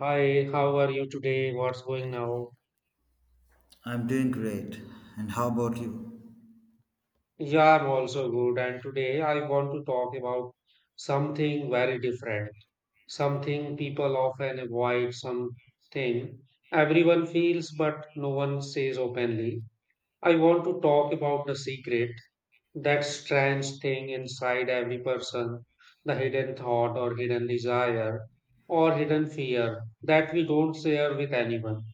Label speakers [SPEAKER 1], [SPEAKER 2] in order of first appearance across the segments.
[SPEAKER 1] Hi, how are you today? What's going now?
[SPEAKER 2] I'm doing great. And how about you?
[SPEAKER 1] Yeah, I'm also good. And today I want to talk about something very different, something people often avoid, something everyone feels but no one says openly. I want to talk about the secret, that strange thing inside every person, the hidden thought or hidden desire or hidden fear that we don't share with anyone.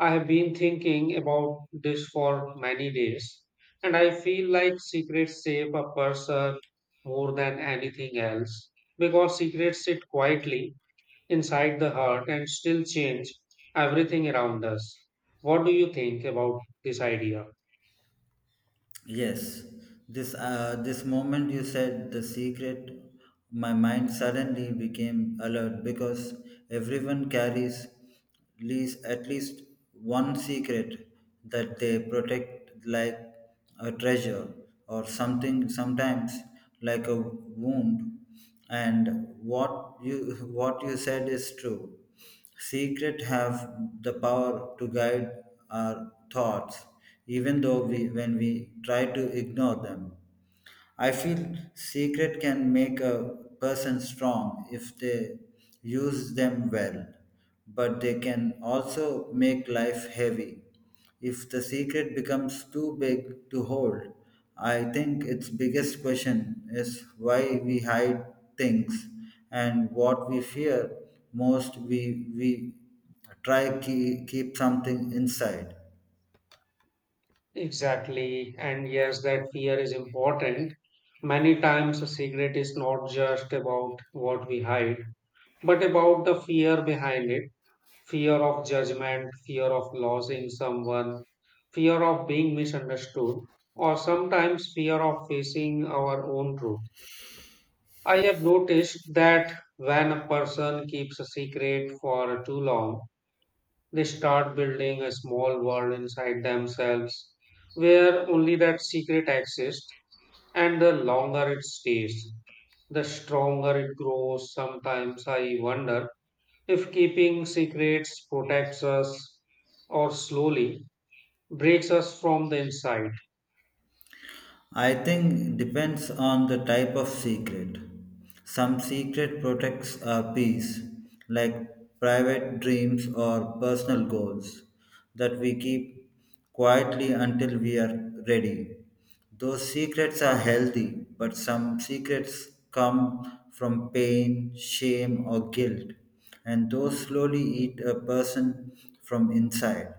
[SPEAKER 1] I have been thinking about this for many days, and I feel like secrets shape a person more than anything else because secrets sit quietly inside the heart and still change everything around us. What do you think about this idea?
[SPEAKER 2] Yes, this moment you said the secret, my mind suddenly became alert because everyone carries at least one secret that they protect like a treasure, or something sometimes like a wound. And what you what you said is true. Secret have the power to guide our thoughts even though we when we try to ignore them. I feel secret can make a person strong if they use them well, but they can also make life heavy. If the secret becomes too big to hold, I think its biggest question is why we hide things and what we fear most. We try to keep something inside.
[SPEAKER 1] Exactly, and yes, that fear is important. Many times, a secret is not just about what we hide, but about the fear behind it, fear of judgment, fear of losing someone, fear of being misunderstood, or sometimes fear of facing our own truth. I have noticed that when a person keeps a secret for too long, they start building a small world inside themselves where only that secret exists, and the longer it stays, the stronger it grows. Sometimes I wonder if keeping secrets protects us or slowly breaks us from the inside.
[SPEAKER 2] I think depends on the type of secret. Some secret protects our peace, like private dreams or personal goals that we keep quietly until we are ready. Those secrets are healthy, but some secrets come from pain, shame, or guilt, and those slowly eat a person from inside.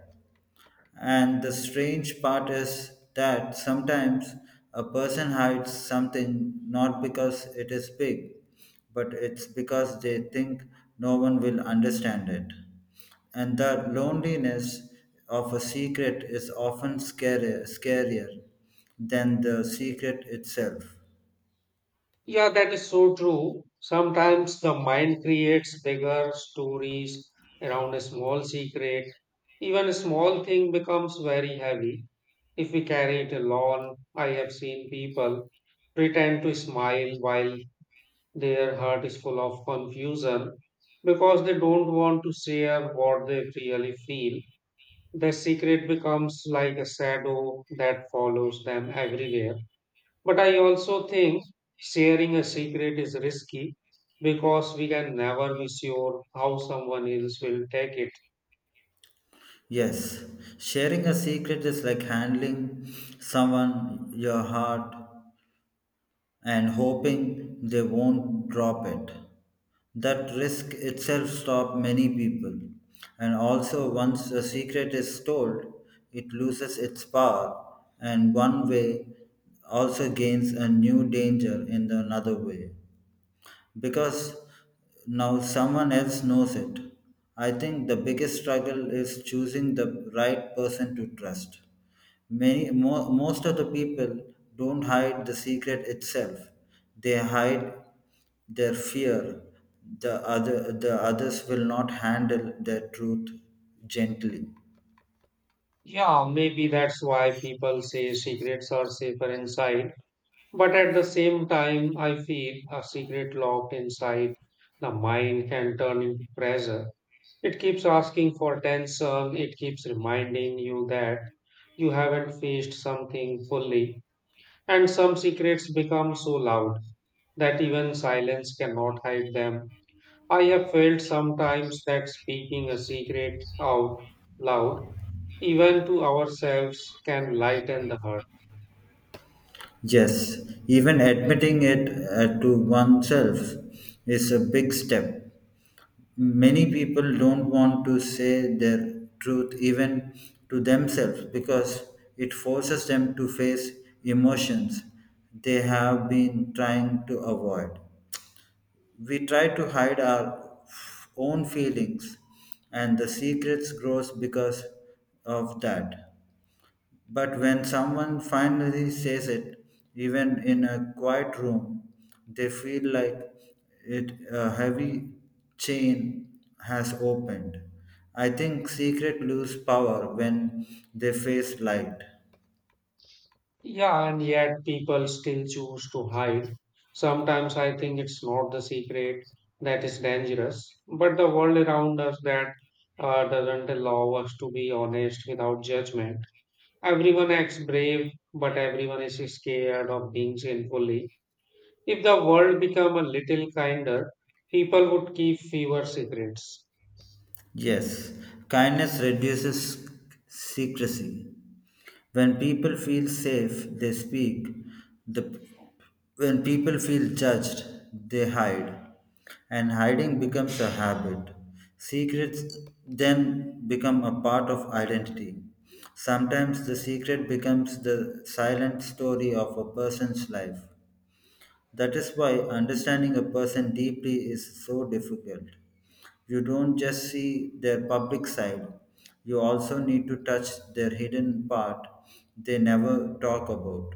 [SPEAKER 2] And the strange part is that sometimes a person hides something not because it is big, but it's because they think no one will understand it. And the loneliness of a secret is often scarier than the secret itself.
[SPEAKER 1] Yeah, that is so true. Sometimes the mind creates bigger stories around a small secret. Even a small thing becomes very heavy if we carry it alone. I have seen people pretend to smile while their heart is full of confusion because they don't want to share what they really feel. The secret becomes like a shadow that follows them everywhere. But I also think sharing a secret is risky because we can never be sure how someone else will take it.
[SPEAKER 2] Yes, sharing a secret is like handling someone your heart and hoping they won't drop it. That risk itself stops many people. And also, once the secret is told, it loses its power, and one way also gains a new danger in another way because now someone else knows it. I think the biggest struggle is choosing the right person to trust. Most of the people don't hide the secret itself. They hide their fear. The others will not handle their truth gently.
[SPEAKER 1] Yeah, maybe that's why people say secrets are safer inside. But at the same time, I feel a secret locked inside the mind can turn into pressure. It keeps asking for tensor, it keeps reminding you that you haven't faced something fully, and some secrets become so loud that even silence cannot hide them. I have felt sometimes that speaking a secret out loud, even to ourselves, can lighten the hurt.
[SPEAKER 2] Yes, even admitting it to oneself is a big step. Many people don't want to say their truth even to themselves because it forces them to face emotions they have been trying to avoid. We try to hide our own feelings, and the secrets grows because of that. But when someone finally says it, even in a quiet room, they feel like it a heavy chain has opened. I think secret lose power when they face light.
[SPEAKER 1] Yeah, and yet people still choose to hide. Sometimes I think it's not the secret that is dangerous, but the world around us that doesn't allow us to be honest without judgment. Everyone acts brave, but everyone is scared of being sinfully. If the world become a little kinder, people would keep fewer secrets.
[SPEAKER 2] Yes, kindness reduces secrecy. When people feel safe, they speak. The, when people feel judged, they hide. And hiding becomes a habit. Secrets then become a part of identity. Sometimes the secret becomes the silent story of a person's life. That is why understanding a person deeply is so difficult. You don't just see their public side, you also need to touch their hidden part they never talk about.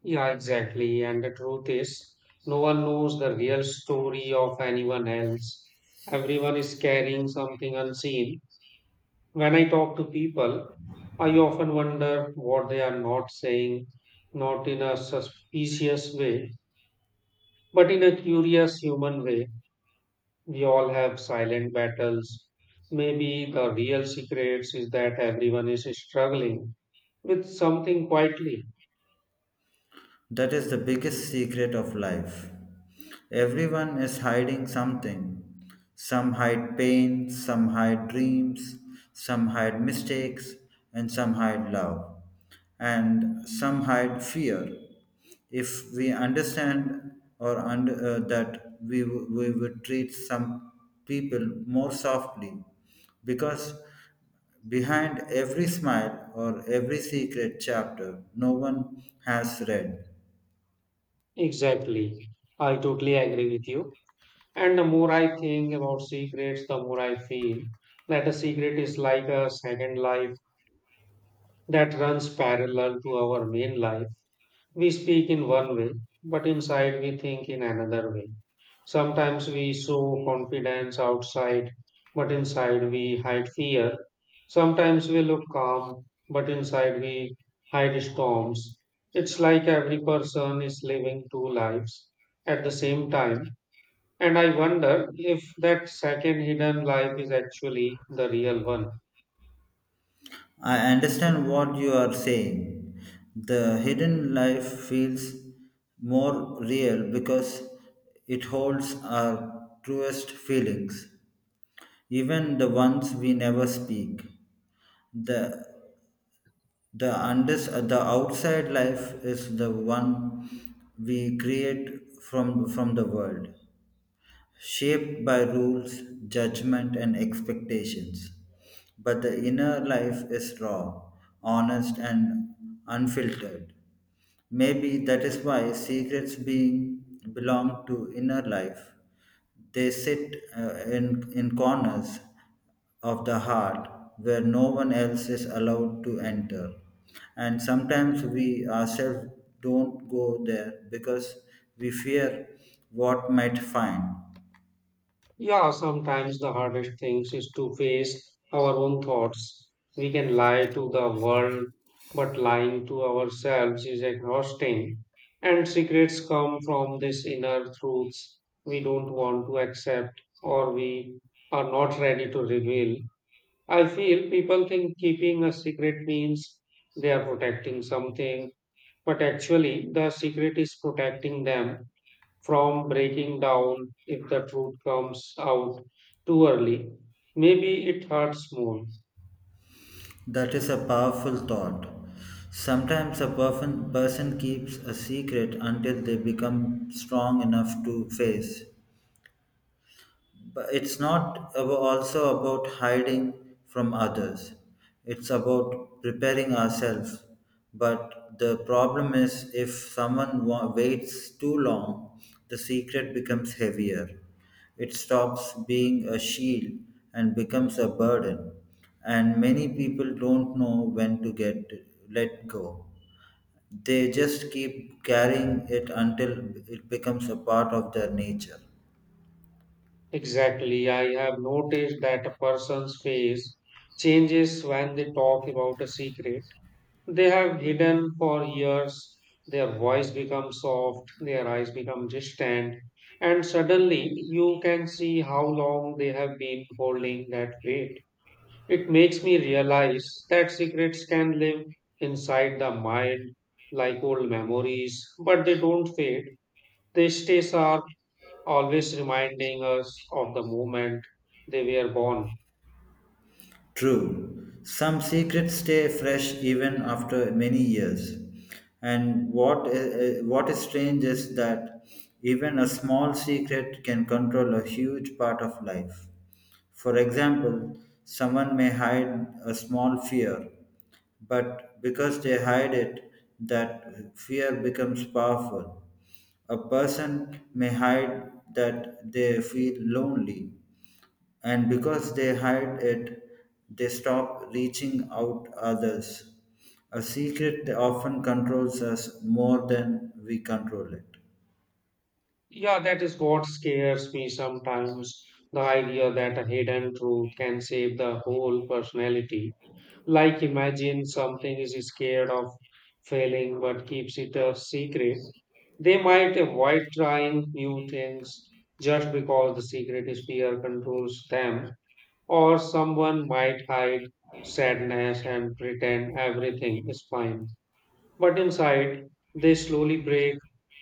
[SPEAKER 1] Yeah, exactly. And the truth is, no one knows the real story of anyone else. Everyone is carrying something unseen. When I talk to people, I often wonder what they are not saying, not in a suspicious way, but in a curious human way. We all have silent battles. Maybe the real secrets is that everyone is struggling with something quietly.
[SPEAKER 2] That is the biggest secret of life. Everyone is hiding something. Some hide pain, some hide dreams, some hide mistakes, and some hide love, and some hide fear. If we understand that we would treat some people more softly because behind every smile or every secret chapter no one has read.
[SPEAKER 1] Exactly. I totally agree with you. And the more I think about secrets, the more I feel that a secret is like a second life that runs parallel to our main life. We speak in one way, but inside we think in another way. Sometimes we show confidence outside, but inside we hide fear. Sometimes we look calm, but inside we hide storms. It's like every person is living two lives at the same time, and I wonder if that second hidden life is actually the real one.
[SPEAKER 2] I understand what you are saying. The hidden life feels more real because it holds our truest feelings, even the ones we never speak. The the unders the outside life is the one we create from the world, shaped by rules, judgment, and expectations. But the inner life is raw, honest, and unfiltered. Maybe that is why secrets being belong to inner life. They sit in corners of the heart where no one else is allowed to enter. And sometimes we ourselves don't go there because we fear what might find.
[SPEAKER 1] Yeah, sometimes the hardest things is to face our own thoughts. We can lie to the world, but lying to ourselves is exhausting. And secrets come from this inner truths we don't want to accept or we are not ready to reveal. I feel people think keeping a secret means they are protecting something. But actually, the secret is protecting them from breaking down if the truth comes out too early. Maybe it hurts more.
[SPEAKER 2] That is a powerful thought. Sometimes a perfect person keeps a secret until they become strong enough to face, but it's not abo- also about hiding from others. It's about preparing ourselves. But the problem is if someone waits too long, the secret becomes heavier. It stops being a shield and becomes a burden. And many people don't know when to get let go. They just keep carrying it until it becomes a part of their nature.
[SPEAKER 1] Exactly. I have noticed that a person's face changes when they talk about a secret they have hidden for years. Their voice becomes soft, their eyes become distant, and suddenly you can see how long they have been holding that weight. It makes me realize that secrets can live inside the mind like old memories, but they don't fade. They stay sharp, always reminding us of the moment they were born.
[SPEAKER 2] True, some secrets stay fresh even after many years. And what is strange is that even a small secret can control a huge part of life. For example, someone may hide a small fear, but because they hide it, that fear becomes powerful. A person may hide that they feel lonely, and because they hide it, they stop reaching out others. A secret often controls us more than we control it.
[SPEAKER 1] Yeah, that is what scares me sometimes. The idea that a hidden truth can save the whole personality. Like imagine something is scared of failing but keeps it a secret. They might avoid trying new things just because the secret spear controls them, or someone might hide sadness and pretend everything is fine. But inside, they slowly break.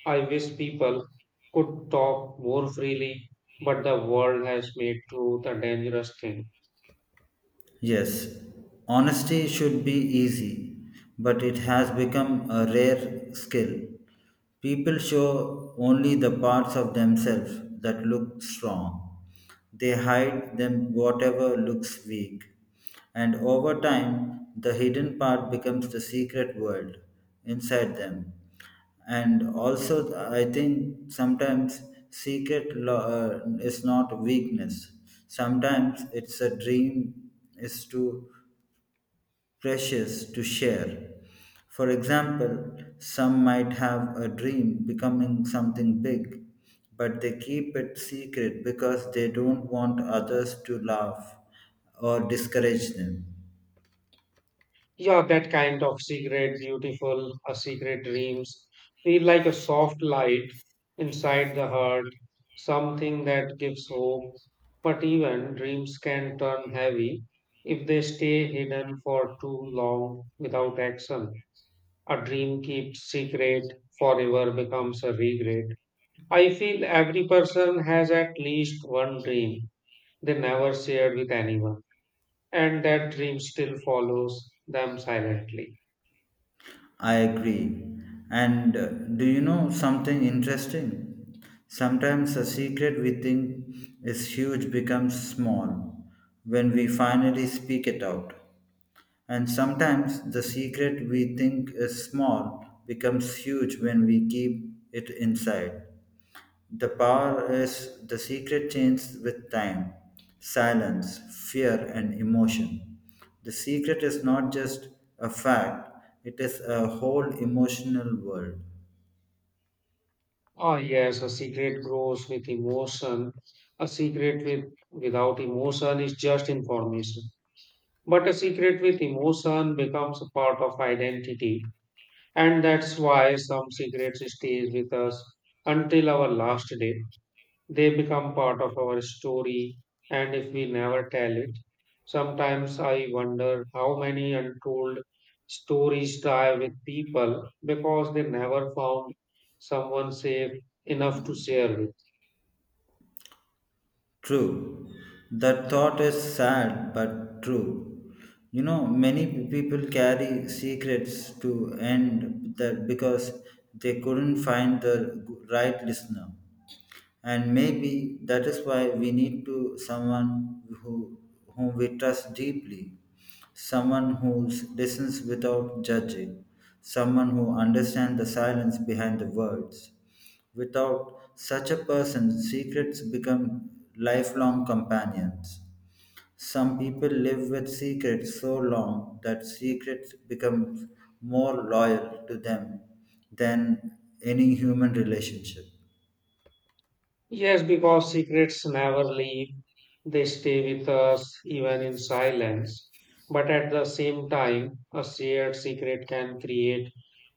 [SPEAKER 1] I wish people could talk more freely, but the world has made truth a dangerous thing.
[SPEAKER 2] Yes, honesty should be easy, but it has become a rare skill. People show only the parts of themselves that look strong. They hide them whatever looks weak. And over time, the hidden part becomes the secret world inside them. And also, I think sometimes secret is not weakness. Sometimes it's a dream is too precious to share. For example, some might have a dream becoming something big, but they keep it secret because they don't want others to laugh or discourage them.
[SPEAKER 1] Yeah, that kind of secret, beautiful, a secret dreams feel like a soft light inside the heart, something that gives hope. But even dreams can turn heavy if they stay hidden for too long without action. A dream kept secret forever becomes a regret. I feel every person has at least one dream they never shared with anyone, and that dream still follows them silently.
[SPEAKER 2] I agree. And do you know something interesting? Sometimes a secret we think is huge becomes small when we finally speak it out. And sometimes the secret we think is small becomes huge when we keep it inside. The power is the secret changes with time, silence, fear, and emotion. The secret is not just a fact, it is a whole emotional world.
[SPEAKER 1] Oh, yes, a secret grows with emotion. A secret with, without emotion is just information. But a secret with emotion becomes a part of identity. And that's why some secrets stays with us until our last day. They become part of our story, and if we never tell it, sometimes I wonder how many untold stories die with people because they never found someone safe enough to share with.
[SPEAKER 2] True. That thought is sad but true. You know, many people carry secrets to end that because they couldn't find the right listener. And maybe that is why we need to someone who whom we trust deeply, someone who listens without judging, someone who understands the silence behind the words. Without such a person, secrets become lifelong companions. Some people live with secrets so long that secrets become more loyal to them than any human relationship.
[SPEAKER 1] Yes, because secrets never leave. They stay with us even in silence. But at the same time, a shared secret can create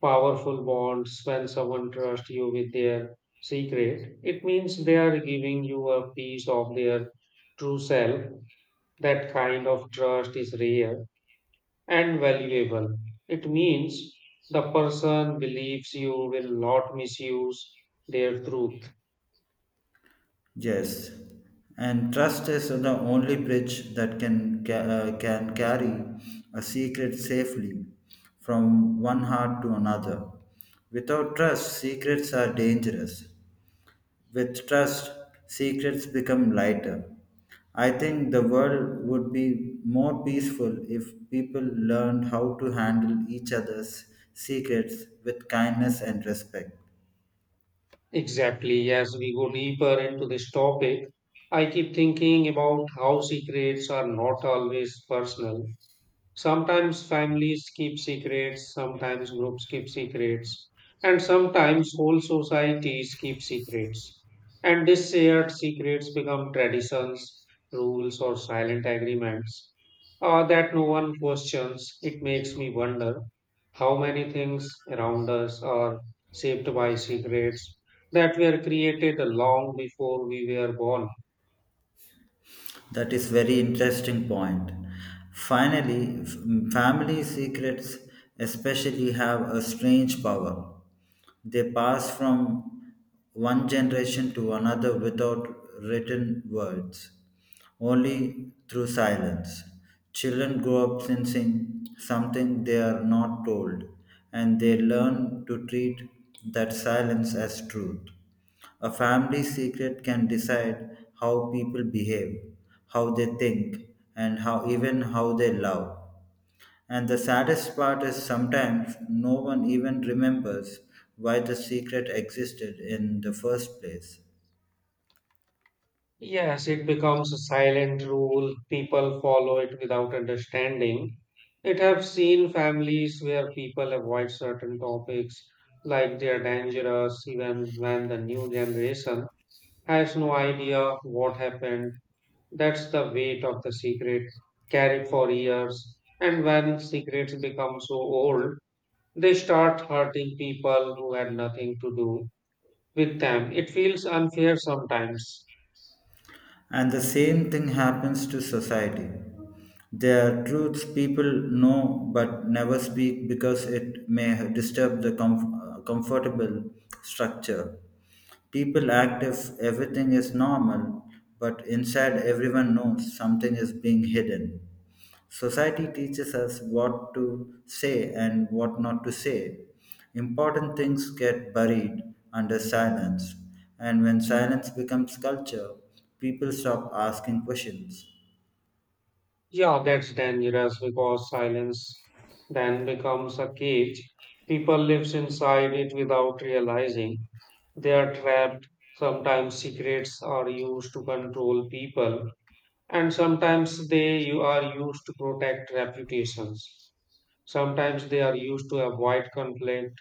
[SPEAKER 1] powerful bonds when someone trusts you with their secret. It means they are giving you a piece of their true self. That kind of trust is rare and valuable. It means the person believes you will not misuse their truth.
[SPEAKER 2] Yes, and trust is the only bridge that can carry a secret safely from one heart to another. Without trust, secrets are dangerous. With trust, secrets become lighter. I think the world would be more peaceful if people learned how to handle each other's secrets with kindness and respect.
[SPEAKER 1] Exactly. As we go deeper into this topic, I keep thinking about how secrets are not always personal. Sometimes families keep secrets, sometimes groups keep secrets, and sometimes whole societies keep secrets. And these shared secrets become traditions, rules, or silent agreements that no one questions. It makes me wonder how many things around us are shaped by secrets that were created long before we were born.
[SPEAKER 2] That is very interesting point. Finally, family secrets especially have a strange power. They pass from one generation to another without written words, only through silence. Children grow up sensing something they are not told, and they learn to treat that silence as truth. A family secret can decide how people behave, how they think, and how even how they love. And the saddest part is sometimes no one even remembers why the secret existed in the first place.
[SPEAKER 1] Yes, it becomes a silent rule. People follow it without understanding. It have seen families where people avoid certain topics like they are dangerous even when the new generation has no idea what happened. That's the weight of the secret carried for years. And when secrets become so old, they start hurting people who had nothing to do with them. It feels unfair sometimes.
[SPEAKER 2] And the same thing happens to society. There are truths people know but never speak because it may disturb the comfortable structure. People act if everything is normal, but inside everyone knows something is being hidden. Society teaches us what to say and what not to say. Important things get buried under silence, and when silence becomes culture, people stop asking questions.
[SPEAKER 1] Yeah, that's dangerous because silence then becomes a cage. People lives inside it without realizing they are trapped. Sometimes secrets are used to control people, and sometimes they you are used to protect reputations. Sometimes they are used to avoid conflict.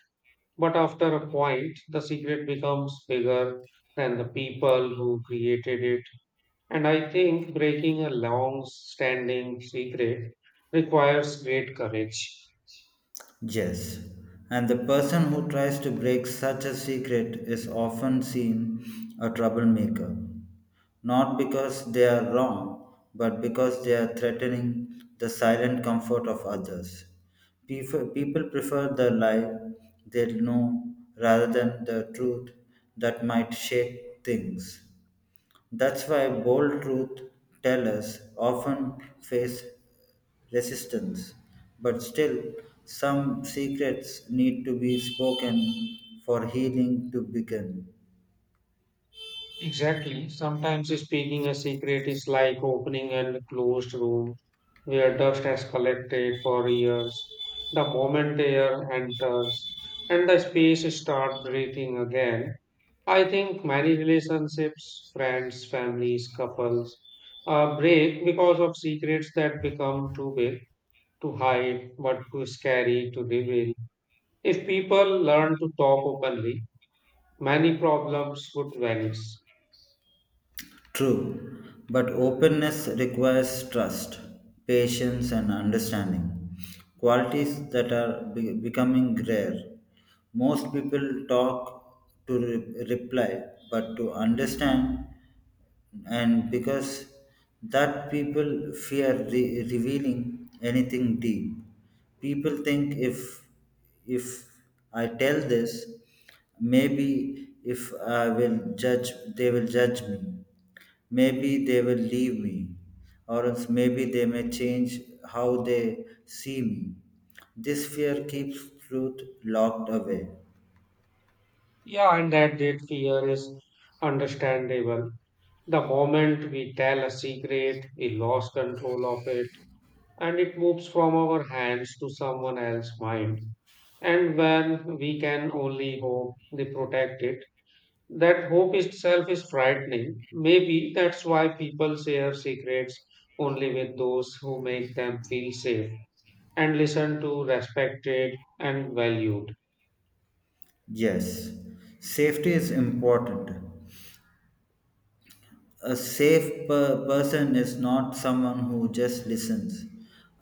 [SPEAKER 1] But after a point, the secret becomes bigger than the people who created it. And I think breaking a long standing secret requires great courage.
[SPEAKER 2] Yes, and the person who tries to break such a secret is often seen a troublemaker. Not because they are wrong, but because they are threatening the silent comfort of others. People prefer the lie they know rather than the truth that might shape things. That's why bold truth tellers often face resistance, but still, some secrets need to be spoken for healing to begin.
[SPEAKER 1] Exactly. Sometimes speaking a secret is like opening a closed room where dust has collected for years. The moment air enters and the space start breathing again, I think many relationships, friends, families, couples break because of secrets that become too big to hide, but too scary to reveal. If people learn to talk openly, many problems would vanish.
[SPEAKER 2] True, but openness requires trust, patience, and understanding, qualities that are becoming rare. Most people talk to reply, but to understand, and because that people fear revealing anything deep. People think if I tell this, maybe if I will judge, they will judge me. Maybe they will leave me, or else maybe they may change how they see me. This fear keeps truth locked away.
[SPEAKER 1] Yeah, and that great fear is understandable. The moment we tell a secret, we lose control of it and it moves from our hands to someone else's mind. And when we can only hope they protect it, that hope itself is frightening. Maybe that's why people share secrets only with those who make them feel safe, and listened to, respected, and valued.
[SPEAKER 2] Yes, safety is important. A safe person is not someone who just listens.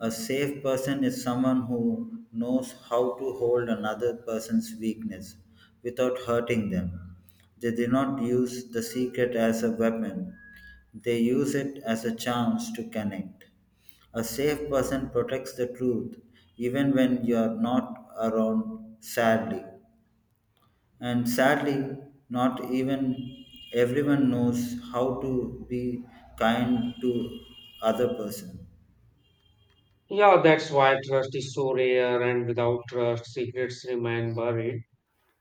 [SPEAKER 2] A safe person is someone who knows how to hold another person's weakness without hurting them. They do not use the secret as a weapon, they use it as a chance to connect. A safe person protects the truth even when you are not around, sadly. And sadly, not even everyone knows how to be kind to other person.
[SPEAKER 1] Yeah, that's why trust is so rare, and without trust, secrets remain buried.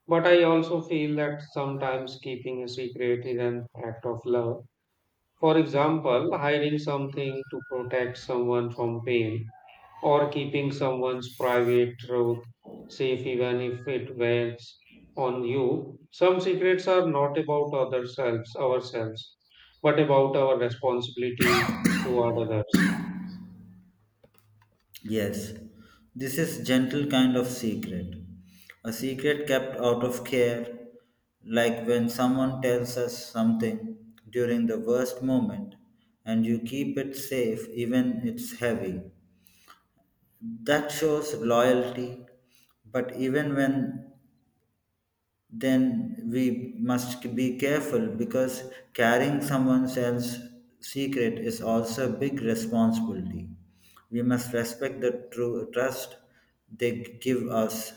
[SPEAKER 1] But I also feel that sometimes keeping a secret is an act of love. For example, hiding something to protect someone from pain or keeping someone's private truth safe even if it wears on you. Some secrets are not about ourselves, but about our responsibility toward others.
[SPEAKER 2] Yes, this is gentle kind of secret. A secret kept out of care, like when someone tells us something during the worst moment and you keep it safe even it's heavy. That shows loyalty, but even when then we must be careful because carrying someone else's secret is also a big responsibility. We must respect the true trust they give us.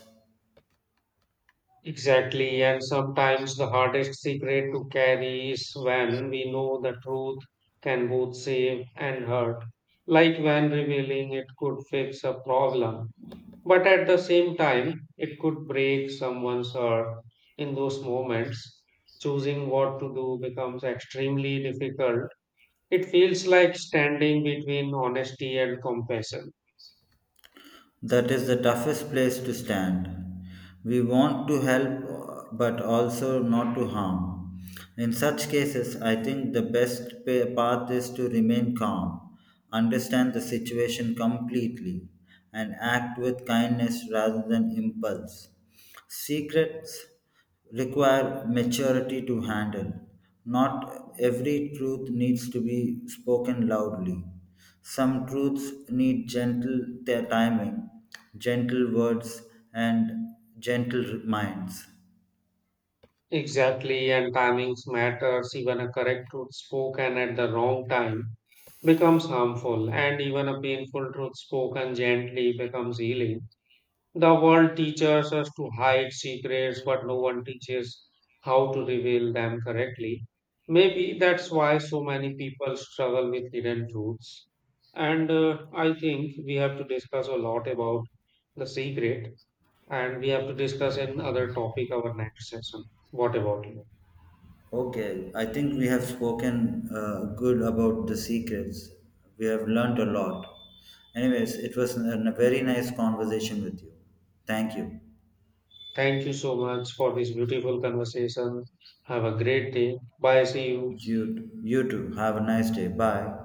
[SPEAKER 1] Exactly, and sometimes the hardest secret to carry is when we know the truth can both save and hurt, like when revealing it could fix a problem. But at the same time, it could break someone's heart in those moments. Choosing what to do becomes extremely difficult. It feels like standing between honesty and compassion.
[SPEAKER 2] That is the toughest place to stand. We want to help but also not to harm. In such cases, I think the best path is to remain calm, understand the situation completely, and act with kindness rather than impulse. Secrets require maturity to handle. Not every truth needs to be spoken loudly. Some truths need gentle timing, gentle words, and gentle minds.
[SPEAKER 1] Exactly, and timings matters. Even a correct truth spoken at the wrong time becomes harmful, and even a painful truth spoken gently becomes healing. The world teaches us to hide secrets, but no one teaches how to reveal them correctly. Maybe that's why so many people struggle with hidden truths. And I think we have to discuss a lot about the secret, and we have to discuss another topic our next session. What about you?
[SPEAKER 2] Okay, I think we have spoken good about the secrets. We have learned a lot. Anyways, it was a very nice conversation with you. Thank you.
[SPEAKER 1] Thank you so much for this beautiful conversation. Have a great day. Bye. See you.
[SPEAKER 2] You, you too. Have a nice day. Bye.